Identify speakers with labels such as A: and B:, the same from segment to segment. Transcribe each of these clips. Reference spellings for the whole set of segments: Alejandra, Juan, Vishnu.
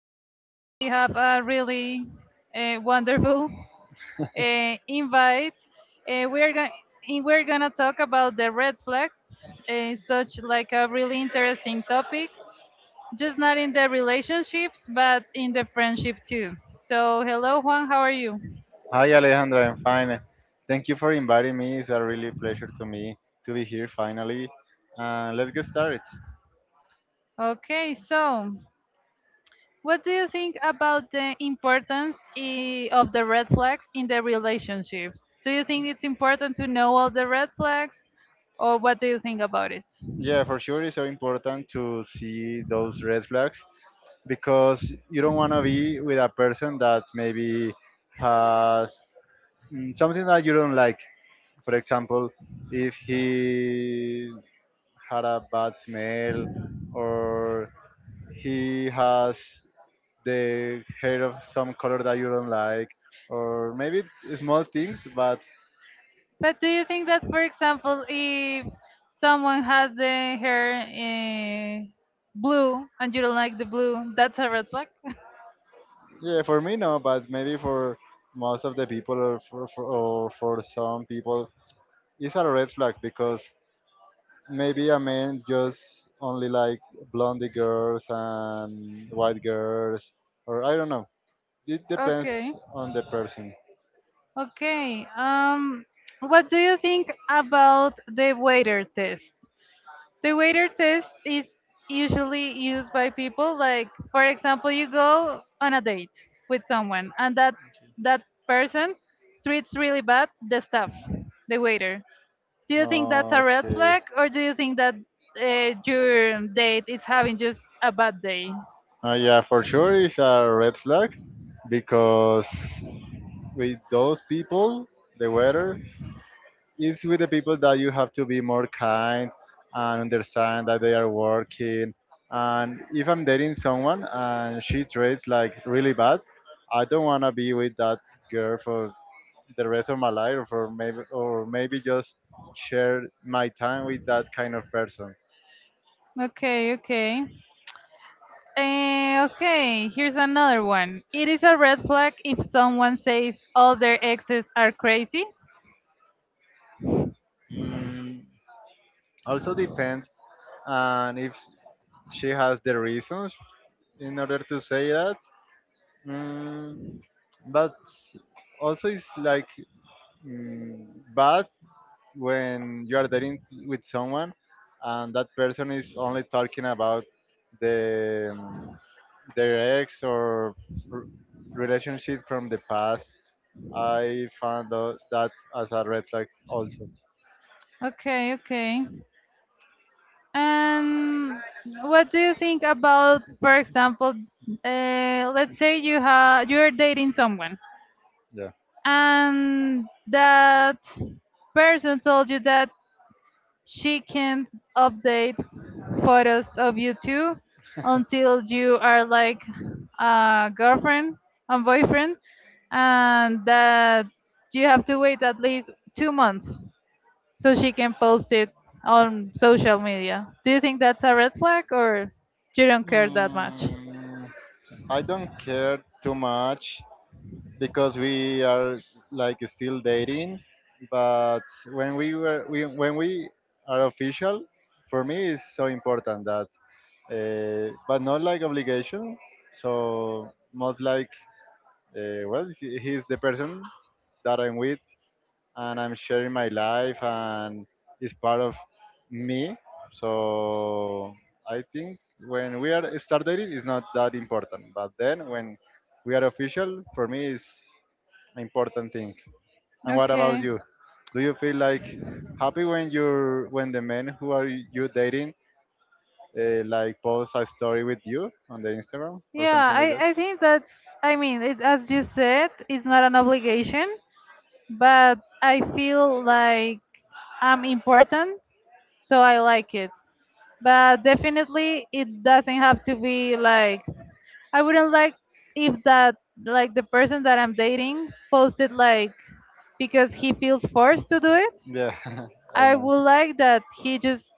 A: Today we have a really wonderful invite. Uh, we're going we're gonna talk about the red flags, such like a really interesting topic, just not in the relationships, but in the friendship too. So, hello Juan, how are you?
B: Hi Alejandra, I'm fine. Thank you for inviting me. It's a really pleasure to me to be here finally. Let's get started.
A: Okay, so what do you think about the importance of the red flags in the relationships? Do you think it's important to know all the red flags, or what do you think about it?
B: Yeah, for sure it's so important to see those red flags because you don't want to be with a person that maybe has something that you don't like. For example, if he had a bad smell or he has the hair of some color that you don't like, or maybe small things. But
A: But do you think that, for example, if someone has the hair blue and you don't like the blue, that's a red flag?
B: yeah, for me no. But maybe for most of the people, or for some people, it's a red flag because maybe a man just only like blonde girls and white girls, or I don't know. It depends
A: Okay.
B: on the person.
A: Okay. What do you think about the waiter test? The waiter test is usually used by people like, for example, you go on a date with someone and that person treats really bad the staff, the waiter. Do you think that's a red
B: Okay.
A: flag, or do you think that your date is having just a bad day?
B: Yeah, for sure, it's a red flag because with those people, the weather is with the people that you have to be more kind and understand that they are working. And if I'm dating someone and she treats like really bad, I don't want to be with that girl for the rest of my life, or maybe just share my time with that kind of person.
A: Okay, okay. Eh, okay, here's another one. It is a red flag if someone says all their exes are crazy.
B: Mm, also depends, and if she has the reasons in order to say that. Mm, but also, it's like mm, bad when you are dating with someone and that person is only talking about the um, their ex or r- relationship from the past. I found that as a red flag also.
A: Okay, okay. And what do you think about, for example, let's say you're dating someone,
B: Yeah.
A: and that person told you that she can't update photos of you two until you are like a girlfriend and boyfriend, and that you have to wait at least 2 months so she can post it on social media. Do you think that's a red flag, or you don't care that much?
B: Hmm. I don't care too much because we are like still dating. But when we are official, for me it's so important that, but not like obligation. So most like, well, he's the person that I'm with, and I'm sharing my life and it's part of me. So I think when we are start dating it's not that important. But then when we are official, for me it's an important thing. And what about
A: Okay.
B: you? Do you feel like happy when you're when the men who are you dating like post a story with you on the Instagram or
A: Yeah,
B: something like that?
A: I think that's, I mean, it, as you said, it's not an obligation, but I feel like I'm important, so I like it. But definitely it doesn't have to be like, I wouldn't like if that, like the person that I'm dating posted like because he feels forced to do it.
B: Yeah, I
A: I
B: know.
A: would like that he just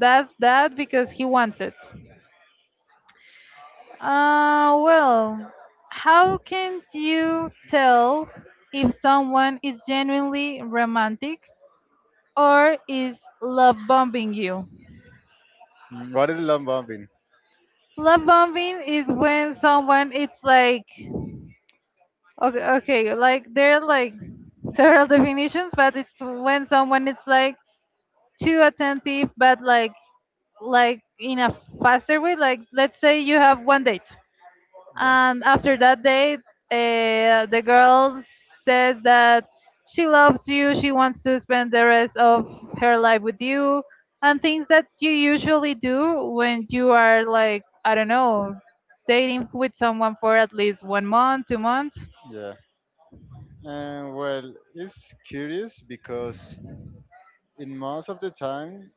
A: does that because he wants it. Well, how can you tell if someone is genuinely romantic or is love bombing you?
B: What is love bombing?
A: Love bombing is when someone it's like, okay, okay, like there are like several definitions, but it's when someone is like too attentive, but like in a faster way. Like let's say you have one date,
B: Yeah.
A: and after that date, the girl says that she loves you, she wants to spend the rest of her life with you, and things that you usually do when you are like, I don't know, dating with someone for at least 1 month, 2 months.
B: Yeah. And well, it's curious because in most of the time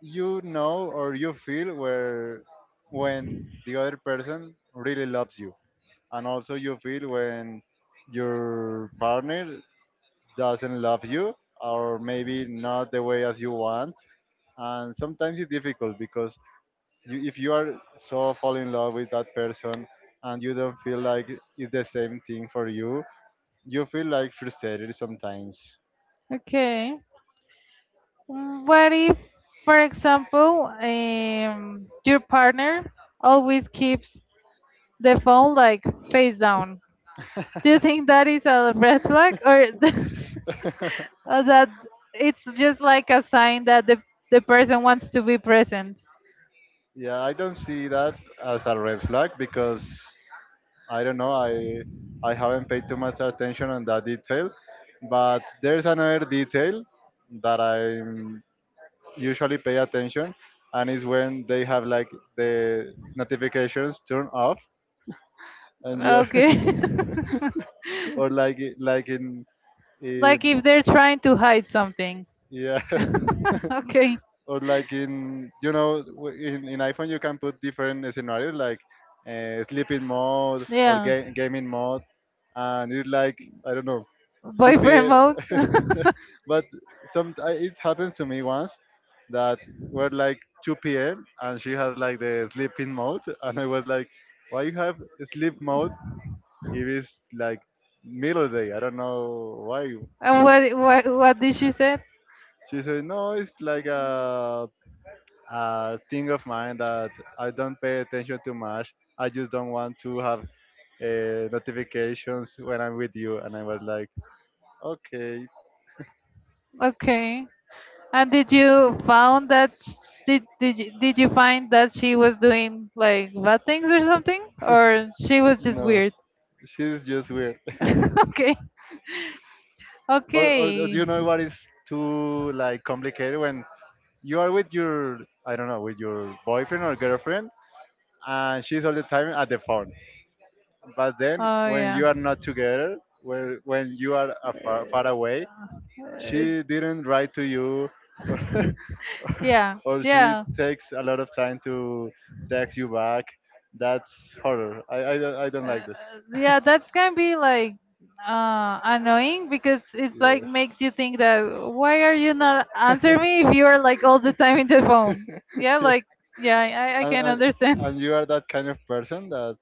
B: you know or you feel where when the other person really loves you, and also you feel when your partner doesn't love you or maybe not the way as you want. And sometimes it's difficult because if you are so fall in love with that person and you don't feel like it's the same thing for you, you feel like frustrated sometimes.
A: Okay. What if, for example, your partner always keeps the phone like face down? Do you think that is a red flag, or or that it's just like a sign that the person wants to be present?
B: Yeah, I don't see that as a red flag because I don't know. I haven't paid too much attention on that detail, but there's another detail that I usually pay attention, and is when they have like the notifications turned off, and you are.
A: Okay.
B: Or like like in
A: Like
B: in
A: if they're trying to hide something.
B: yeah,
A: Okay.
B: or like in you know w- in iPhone you can put different scenarios like sleeping mode or
A: Yeah.
B: gaming mode, and it's like I don't know, 2
A: Boyfriend
B: p.m.
A: mode. And
B: But it happens to me once that were like 2 p.m. and she has like the sleeping mode. And I was like, why you have sleep mode if it's like middle day, I don't know why.
A: what did she say?
B: She said, no, it's like a thing of mine that I don't pay attention too much. I just don't want to have notifications when I'm with you. And I was like, okay.
A: Okay. And did you found that s- did you find that she was doing like bad things or something, or she was just
B: No,
A: weird?
B: she's just weird.
A: Okay.
B: Or do
A: Okay.
B: you know what is too like complicated when you are with your, I don't know, with your boyfriend or girlfriend, and she's all the time at the phone. But then
A: Oh
B: when
A: yeah.
B: you are not together, where when you are far away, she didn't write to you, or,
A: Uh, yeah,
B: or she
A: yeah.
B: takes a lot of time to text you back. That's horror. I don't
A: Uh,
B: like that.
A: yeah, that's gonna be like annoying because it's like
B: Yeah.
A: makes you think that, why are you not answer me if you are like all the time in the phone? Yeah,
B: Yeah.
A: like yeah, I
B: And,
A: can
B: and,
A: understand.
B: and you are that kind of person that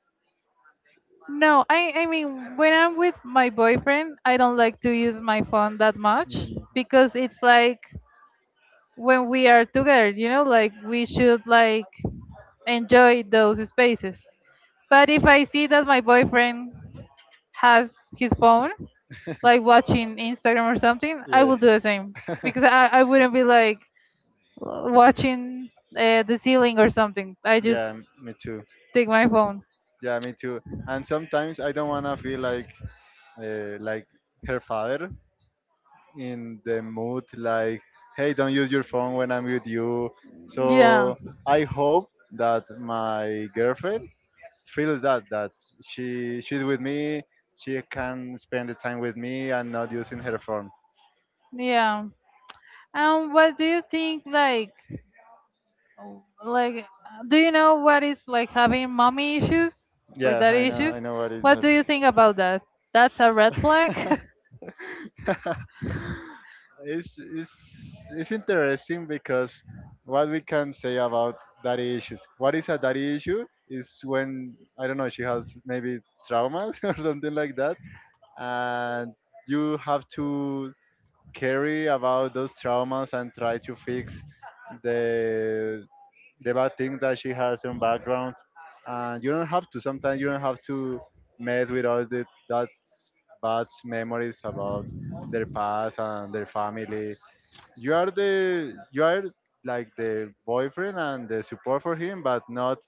A: No, I mean, when I'm with my boyfriend, I don't like to use my phone that much
B: mm,
A: because it's like, when we are together, you know, like we should like enjoy those spaces, but if I see that my boyfriend has his phone like watching Instagram or something, I
B: yeah.
A: will do the same because I wouldn't be like w- watching the ceiling or something, I just
B: Yeah, me too.
A: take my phone.
B: Yeah, me too. And sometimes I don't wanna feel like uh, like her father in the mood like, hey, don't use your phone when I'm with you.
A: Yeah,
B: So I hope that my girlfriend feels that that she's with me, she can spend the time with me and not using her phone.
A: yeah. And what do you think like, do you know what is like having mommy issues or
B: Yeah,
A: daddy issues?
B: I know what is
A: What do
B: that.
A: you think about that? That's a red flag.
B: it's, it's it's interesting because what we can say about daddy issues. What is a daddy issue is when, I don't know, she has maybe traumas or something like that, and you have to carry about those traumas and try to fix the the bad thing that she has in background. And you don't have to. Sometimes you don't have to mess with all the that bad memories about their past and their family. You are like the boyfriend and the support for him, but not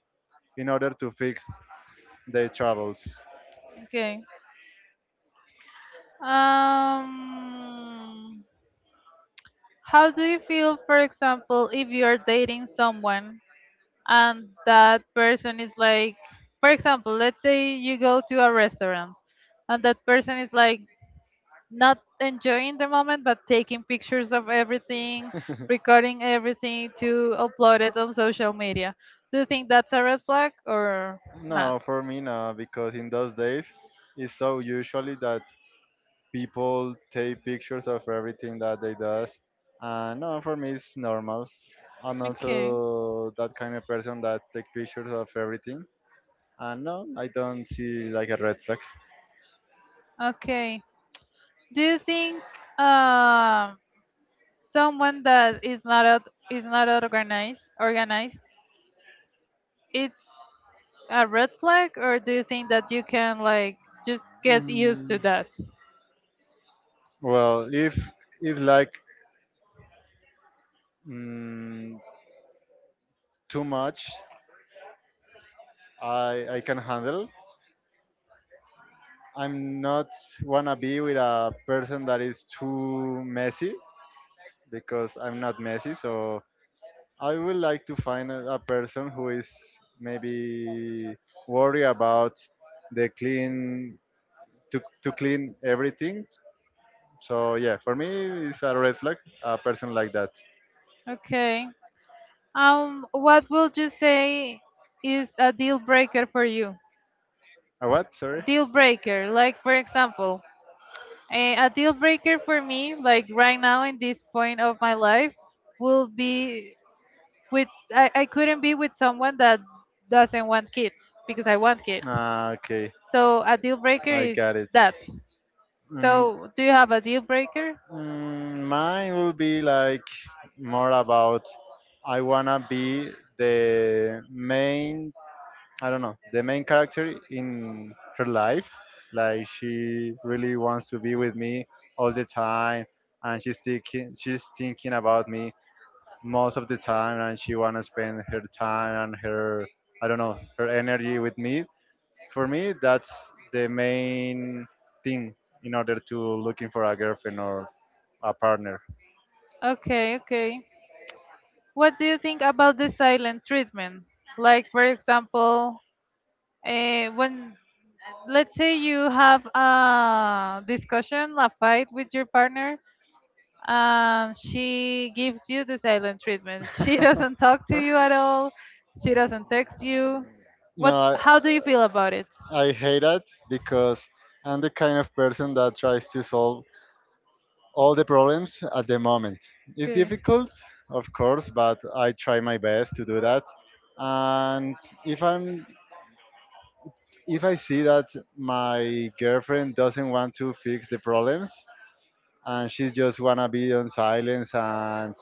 B: in order to fix their troubles.
A: Okay. Um, how do you feel, for example, if you're dating someone and that person is like, for example, let's say you go to a restaurant and that person is like not enjoying the moment but taking pictures of everything, recording everything to upload it on social media. Do you think that's a red flag or not?
B: No, for me no, because in those days it's so usually that people take pictures of everything that they does. And no, for me it's normal. I'm
A: Okay,
B: also that kind of person that take pictures of everything, and no, I don't see like a red flag.
A: okay. Do you think um someone that is not out, is not organized, it's a red flag, or do you think that you can like just get used to
B: Mm,
A: that?
B: well if it's like mm, too much, I can handle. I'm not wanna be with a person that is too messy, because I'm not messy. So I would like to find a person who is maybe worried about the clean, to clean everything. So yeah, for me it's a red flag. A person like that.
A: Okay. What would you say is a deal breaker for you?
B: A what? Sorry.
A: Deal breaker, like for example, eh, a deal breaker for me, like right now in this point of my life, will be, with I couldn't be with someone that doesn't want kids because I want kids.
B: Ah, okay,
A: So a deal breaker
B: I
A: is
B: got it.
A: that.
B: Mm,
A: So do you have a deal breaker?
B: Mine will be like more about, I wanna be the main, I don't know, the main character in her life. Like she really wants to be with me all the time, and she's thinking about me most of the time, and she wanna spend her time and her, I don't know, her energy with me. For me, that's the main thing in order to looking for a girlfriend or a partner.
A: Okay, okay. What do you think about the silent treatment? Like, for example, when let's say you have a discussion, a fight with your partner, she gives you the silent treatment. She doesn't talk to you at all. She doesn't text you.
B: No,
A: What?
B: I,
A: How do you feel about it?
B: I hate that because I'm the kind of person that tries to solve all the problems at the moment. It's
A: Okay.
B: difficult, of course, but I try my best to do that. And if I'm if I see that my girlfriend doesn't want to fix the problems and she just wanna be on silence and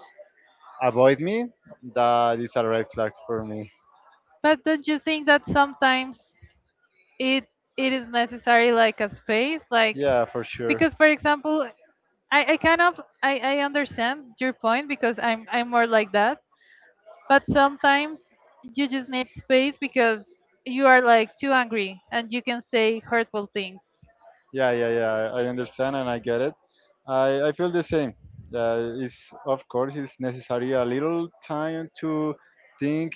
B: avoid me, that is a red flag for me.
A: But don't you think that sometimes it it is necessary like a space, like
B: Yeah, for sure.
A: because for example, I kind of I understand your point because I'm more like that. But sometimes you just need space because you are like too angry and you can say hurtful things.
B: Yeah, yeah, yeah. I understand and I get it. I feel the same. It's, of course it's necessary a little time to think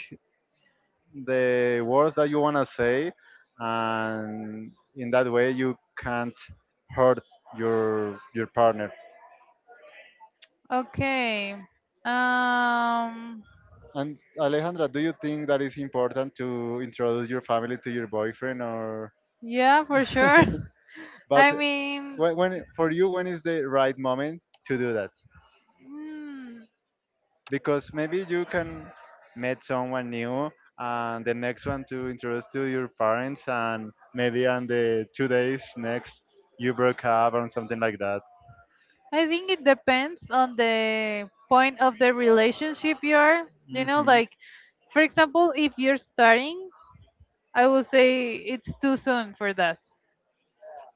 B: the words that you want to say, and in that way you can't hurt your partner.
A: Okay. Um,
B: And, Alejandra, do you think that it's important to introduce your family to your boyfriend or...
A: yeah, for sure.
B: But
A: I mean,
B: when for you, when is the right moment to do that,
A: hmm.
B: because maybe you can meet someone new and the next one to introduce to your parents, and maybe on the 2 days next you broke up or something like that?
A: I think it depends on the point of the relationship you are. You
B: You
A: know,
B: know,
A: like, for example, if you're starting, I would say it's too soon for that.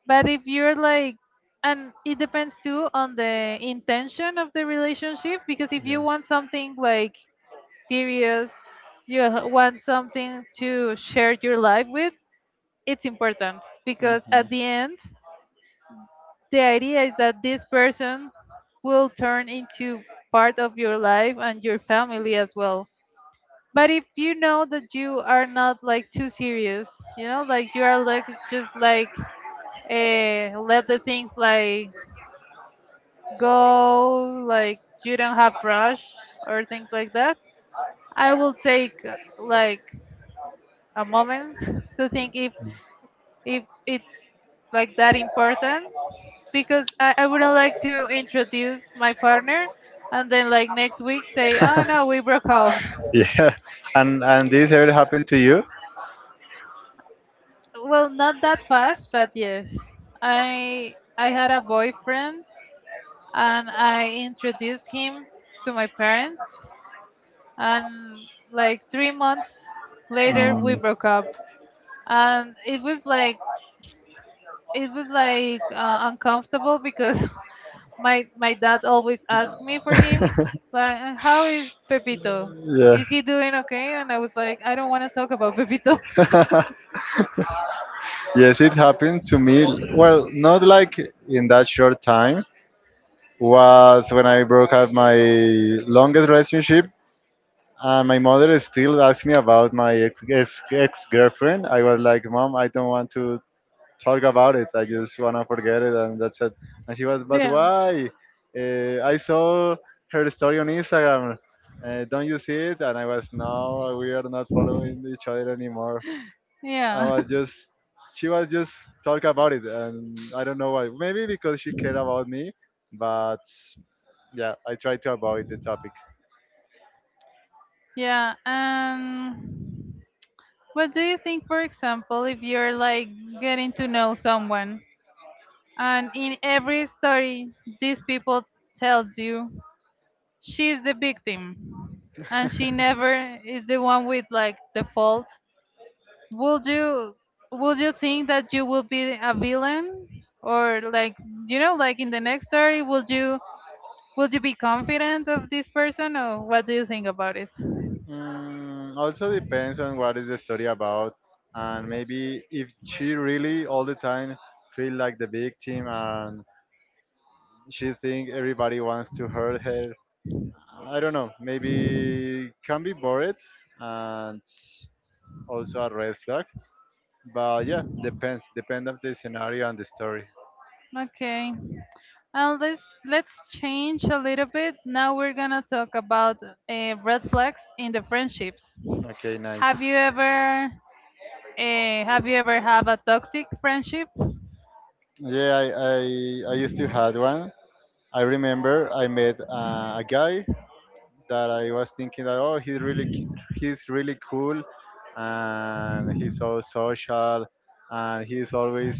A: But if you're like, and it depends too on the intention of the relationship, because if you want something like serious, you h- want something to share your life with, it's important because at the end, the idea is that this person will turn into part of your life and your family as well. But if you know that you are not like too serious, you know, like you are like it's just like let the things like go, like you don't have rush or things like that. I will take like a moment to think if it's like that important, because I wouldn't like to introduce my partner and then like next week say, oh no, we broke up.
B: yeah. And this ever happened to you?
A: Well, not that fast, but yes, I had a boyfriend and I introduced him to my parents, and like 3 months later we
B: Mm.
A: broke up, and it was like, it was like, uncomfortable because my dad always asked me for him, like, how is Pepito,
B: Yeah.
A: is he doing okay?" And I was like, I don't want to talk about Pepito.
B: Yes, it happened to me. Well, not like in that short time. Was when I broke up my longest relationship. And my mother still asks me about my ex girlfriend. I was like, Mom, I don't want to talk about it. I just wanna forget it, and that's it. And she was, but
A: Yeah.
B: why? I saw her story on Instagram. Don't you see it? And I was, no, we are not following each other anymore. I
A: Yeah.
B: was just, she was just talk about it, and I don't know why. Maybe because she cared about me, but yeah, I tried to avoid the topic.
A: Yeah. What do you think, for example, if you're like getting to know someone, and in every story these people tells you she's the victim and she never is the one with like the fault? Would you, would you think that you will be a villain, or like, you know, like in the next story, would you, would you be confident of this person, or what do you think about it?
B: Also depends on what is the story about, and maybe if she really all the time feel like the victim and she think everybody wants to hurt her. I don't know. Maybe can be bored and also a red flag. But yeah, depends. Depend of the scenario and the story.
A: Okay. Let's change a little bit. Now we're gonna talk about red flags in the friendships.
B: Okay, nice.
A: Have you ever have you ever have a toxic friendship?
B: Yeah, I used to had one. I remember I met a guy that I was thinking that, oh, he's really he's really cool and he's so social and he's always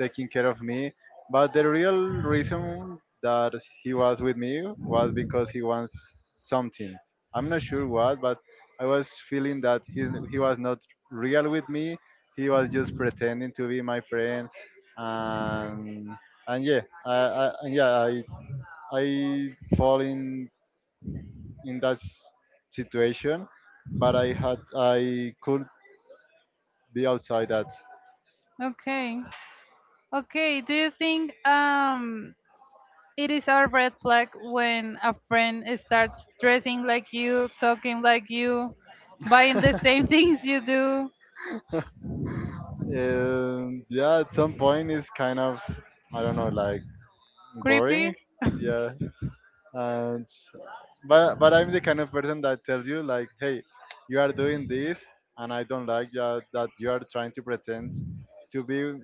B: taking care of me. But the real reason that he was with me was because he wants something. I'm not sure what, but I was feeling that he was not real with me. He was just pretending to be my friend, and yeah, I, I, yeah, I I fall in that situation, but I could be outside that.
A: Okay, okay. Do you think it is a red flag when a friend starts dressing like you, talking like you, buying the same things you do?
B: And yeah, at some point it's kind of I don't know like boring.
A: Creepy.
B: Yeah, and but I'm the kind of person that tells you like, hey, you are doing this, and I don't like that you are trying to pretend to be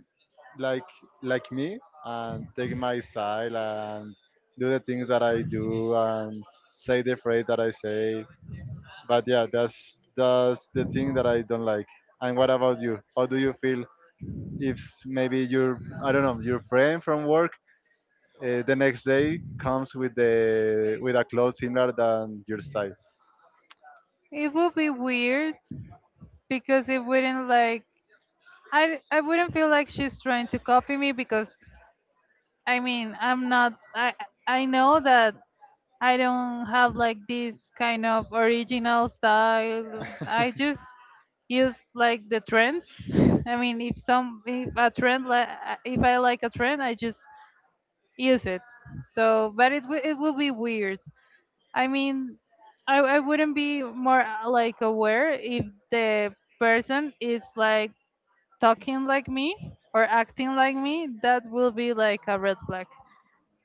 B: like like me and take my style and do the things that I do and say the phrase that I say. But yeah, that's the thing that I don't like. And what about you? How do you feel if maybe your I don't know your friend from work the next day comes with the with a cloth similar than your size.
A: It would be weird because it wouldn't like, I wouldn't feel like she's trying to copy me because I mean I'm not, I know that I don't have like this kind of original style. I just use like the trends. I mean, if some if a trend like, if I like a trend, I just use it. So, but it wi- it will be weird. I mean, I wouldn't be more like aware if the person is like talking like me or acting like me, that will be like a red flag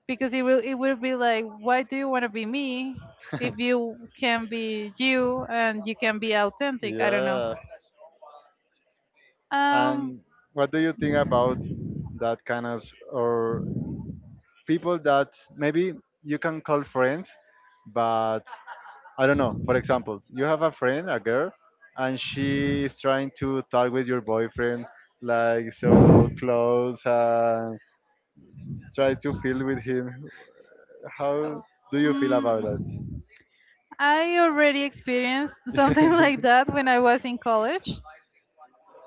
A: because it will be like, why do you want to be me if you can be you and you can be authentic? I don't know.
B: Yeah.
A: Um,
B: And what do you think about that kind of or people that maybe you can call friends, but I don't know. For example, you have a friend, a girl, and she is trying to talk with your boyfriend like so close and try to feel with him. How do you feel about
A: mm, I
B: that?
A: already experienced something like that when I was in college,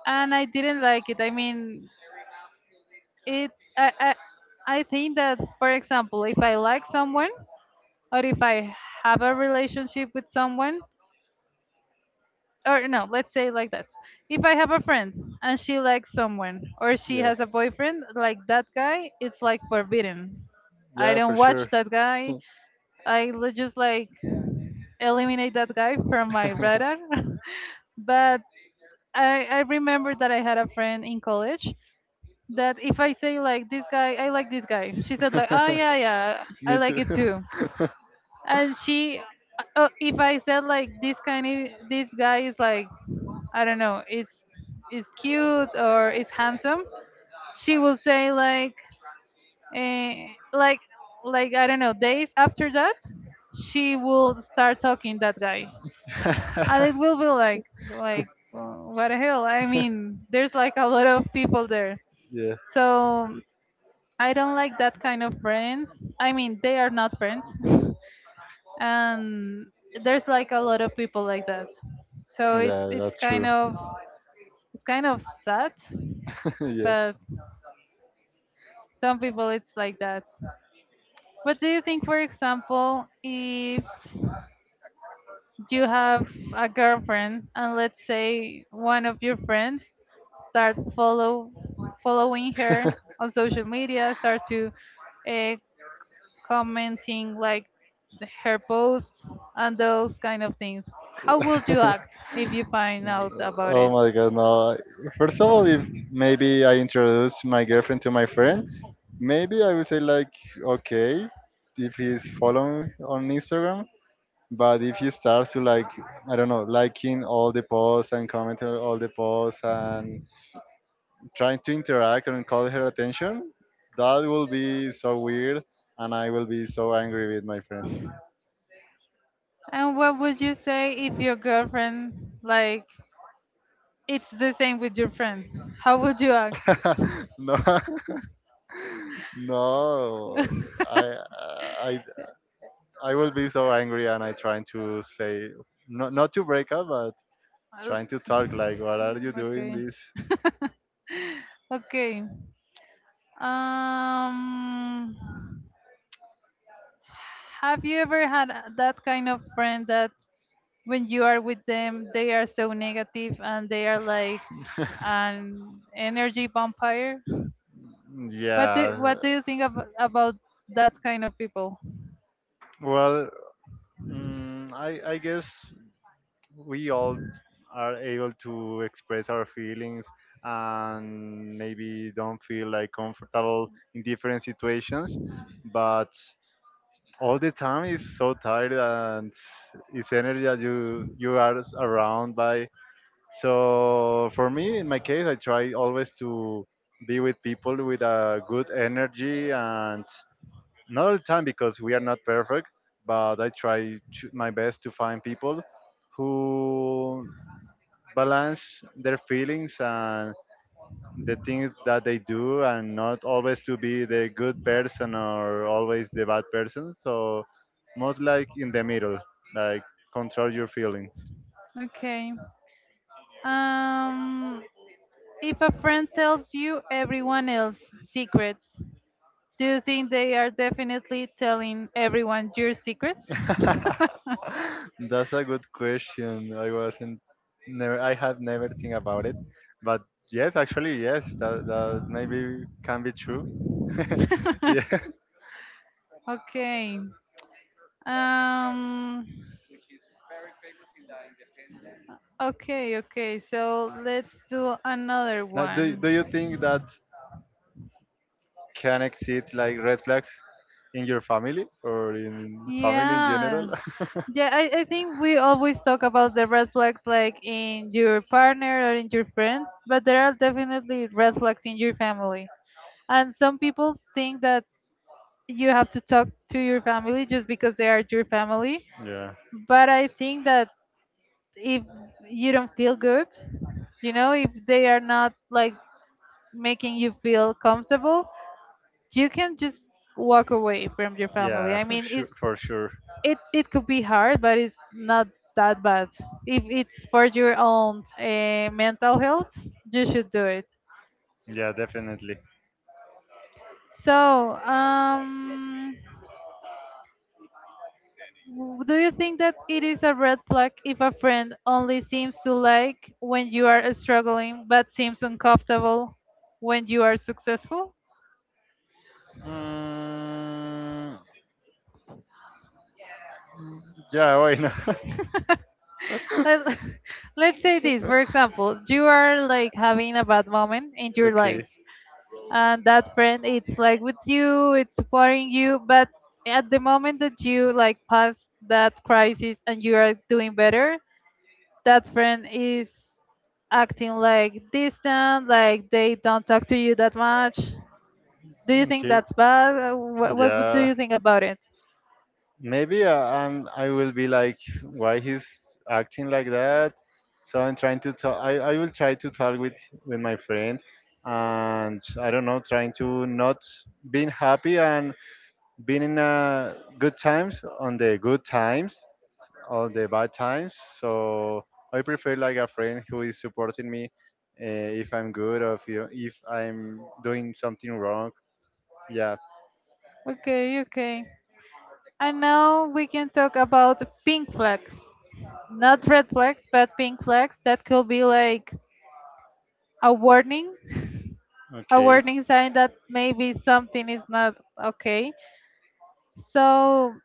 A: and I didn't like it. I mean, it. I think that, for example, if I like someone or if I have a relationship with someone, or no, let's say like this. If I have a friend and she likes someone or she
B: Yeah,
A: has a boyfriend, like that guy, it's like forbidden. I
B: yeah, for
A: don't
B: sure.
A: watch that guy. I li- just like eliminate that guy from my radar. But I remember that I had a friend in college that if I say like this guy, I like this guy. She said like, oh, yeah, yeah, I
B: Me
A: like
B: too.
A: it too. And she, if I said like this kind, of, this guy is like I don't know, is cute or is handsome, she will say like eh, like I don't know, days after that, she will start talking that guy. And it will be like "Wha- what the hell? I mean, there's like a lot of people there.
B: Yeah.
A: So I don't like that kind of friends. I mean, they are not friends. And there's like a lot of people like that. So
B: Yeah,
A: it's
B: that's
A: kind
B: true.
A: of it's kind of sad,
B: Yeah.
A: but some people it's like that. What do you think, for example, if you have a girlfriend and let's say one of your friends start following her on social media, start to uh, commenting like her posts and those kind of things. How would you act if you find out about
B: Oh
A: it?
B: my god, no. First of all, if maybe I introduce my girlfriend to my friend, maybe I would say like, okay, if he's following on Instagram. But if you start to like, I don't know, liking all the posts and commenting on all the posts and trying to interact and call her attention, that will be so weird, and I will be so angry with my friends.
A: And what would you say if your girlfriend like it's the same with your friend? How would you act?
B: No, no, I, I, I will be so angry, and I trying to say, not to break up, but
A: Well,
B: trying to talk like, what are you doing
A: okay.
B: this?
A: Okay. Um, have you ever had that kind of friend that when you are with them, they are so negative and they are like an energy vampire? What
B: Yeah,
A: do you think about that kind of people?
B: well, I guess we all are able to express our feelings and maybe don't feel like comfortable in different situations, but all the time is so tired and it's energy that you are around by. So for me in my case I try always to be with people with a good energy, and not all the time because we are not perfect, but I try to, my best to find people who balance their feelings and the things that they do and not always to be the good person or always the bad person. So most like in the middle, like, control your feelings.
A: Okay. Um, if a friend tells you everyone else's secrets, do you think they are definitely telling everyone your secrets?
B: That's a good question. I wasn't never, I have never think about it, but yes, actually yes, that maybe can be true. Yeah.
A: Okay. Um okay, okay. So let's do another
B: Now, do,
A: one.
B: do you think that can exist like red flags in your family or in family in
A: Yeah.
B: general?
A: Yeah, I think we always talk about the red flags like in your partner or in your friends, but there are definitely red flags in your family. And some people think that you have to talk to your family just because they are your family.
B: Yeah.
A: But I think that if you don't feel good, you know, if they are not like making you feel comfortable, you can just walk away from your family.
B: Yeah,
A: I
B: for
A: mean,
B: sure.
A: it's
B: For sure.
A: it it could be hard, but it's not that bad. If it's for your own mental health, you should do it.
B: Yeah, definitely.
A: So, do you think that it is a red flag if a friend only seems to like when you are struggling, but seems uncomfortable when you are successful?
B: Mm, yeah, why not?
A: Let, let's say this, for example, you are like having a bad moment in your life,
B: Okay.
A: and that friend it's like with you, it's supporting you, but at the moment that you like pass that crisis and you are doing better, that friend is acting like distant, like they don't talk to you that much. Do you think
B: Okay.
A: that's bad? Would do
B: Yeah.
A: you think about it?
B: Maybe I will be like, why he's acting like that? So I'm trying to talk. I will try to talk with my friend, and I don't know, trying to not being happy and being in good times on the good times on the bad times. So I prefer like a friend who is supporting me uh, if I'm good or if you, if I'm doing something wrong. Yeah.
A: Okay, okay. And now we can talk about pink flags. Not red flags, but pink flags that could be like a warning, a
B: Okay.
A: warning sign that maybe something is not okay. So,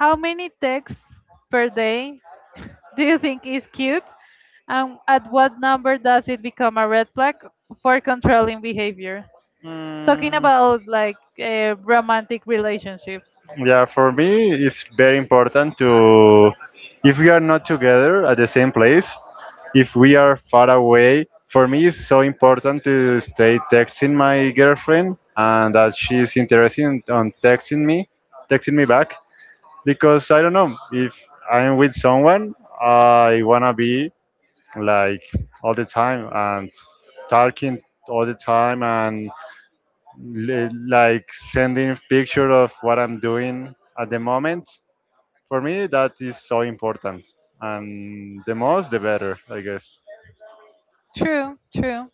A: how many texts per day do you think is cute? And at what number does it become a red flag for controlling behavior? Talking
B: Mm.
A: about like romantic relationships.
B: Yeah, for me, it's very important to, if we are not together at the same place, if we are far away, for me, it's so important to stay texting my girlfriend and that she's interested in- on texting me back. Because I don't know, if I'm with someone, I wanna be like all the time and talking all the time and li- like sending picture of what I'm doing at the moment. For me, that is so important, and the most, the better, I guess.
A: True, true.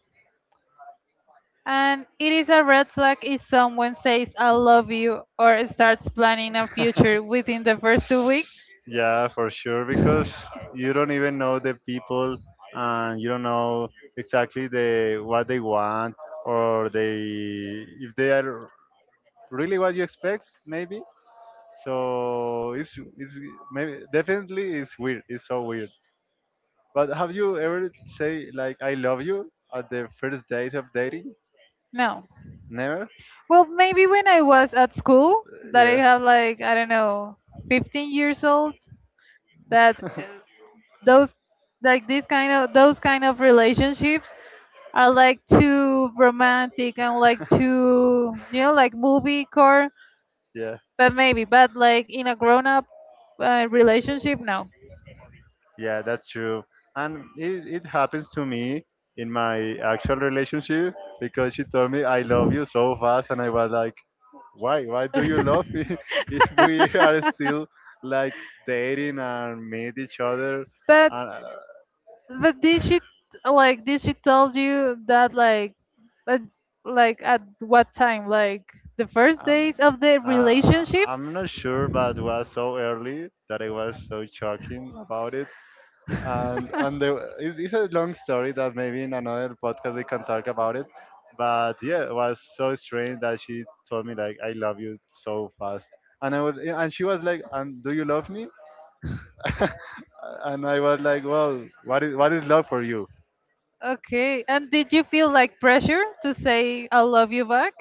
A: And it is a red flag if someone says I love you or starts planning a future within the first 2 weeks.
B: Yeah, for sure, because you don't even know the people, and you don't know exactly the what they want or they if they are really what you expect, maybe. So it's maybe definitely it's weird. It's so weird. But have you ever say like "I love you" at the first days of dating?
A: No.
B: Never.
A: Well, maybe when I was at school, that I
B: Yeah,
A: have like, I don't know, 15 years old, that those like these kind of those kind of relationships are like too romantic and like too you know like movie core,
B: yeah,
A: but maybe, but like in a grown up relationship, no.
B: yeah. That's true. And it happens to me in my actual relationship because she told me "I love you" so fast, and I was like, "Why? Why do you love me if we are still like dating and meet each other?"
A: But
B: And
A: did she like did she tell you that at, like at what time like the first
B: Um,
A: days of the relationship?
B: I'm not sure, but it was so early that I was so shocking about it. It's a long story that maybe in another podcast we can talk about it. But yeah, it was so strange that she told me like I love you so fast, and I was and she was like, and do you love me? And I was like, well, what is what is love for you?
A: Okay. And did you feel like pressure to say I love you back?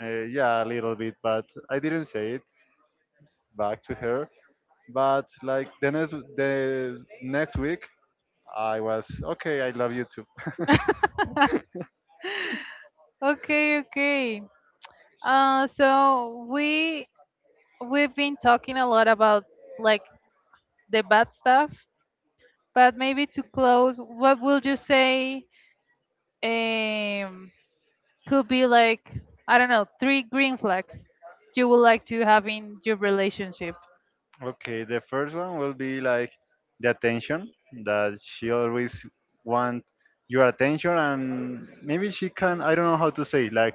B: Yeah, a little bit, but I didn't say it back to her. But like the next week, I was okay. I love you too.
A: Okay, okay. So we we've been talking a lot about like the bad stuff, but maybe to close, what would you say um could be like I don't know, three green flags you would like to have in your relationship?
B: Okay, the first one will be like the attention that she always want your attention, and maybe she can. I don't know how to say like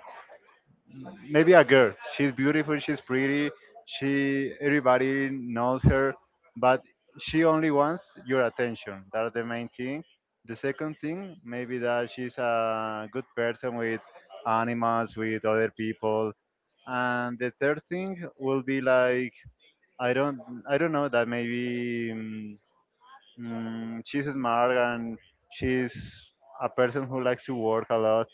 B: maybe a girl. She's beautiful, she's pretty, she everybody knows her, but she only wants your attention. That's the main thing. The second thing, maybe that she's a good person with animals, with other people. And the third thing will be like I don't I don't know that maybe she's smart and she's a person who likes to work a lot.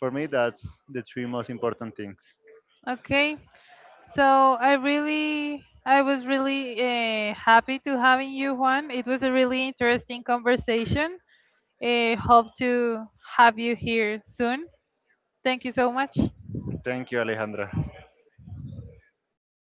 B: For me, that's the three most important things.
A: Okay. So I really, I was really happy to having you, Juan. It was a really interesting conversation. Hope to have you here soon. Thank you so much.
B: Thank you, Alejandra.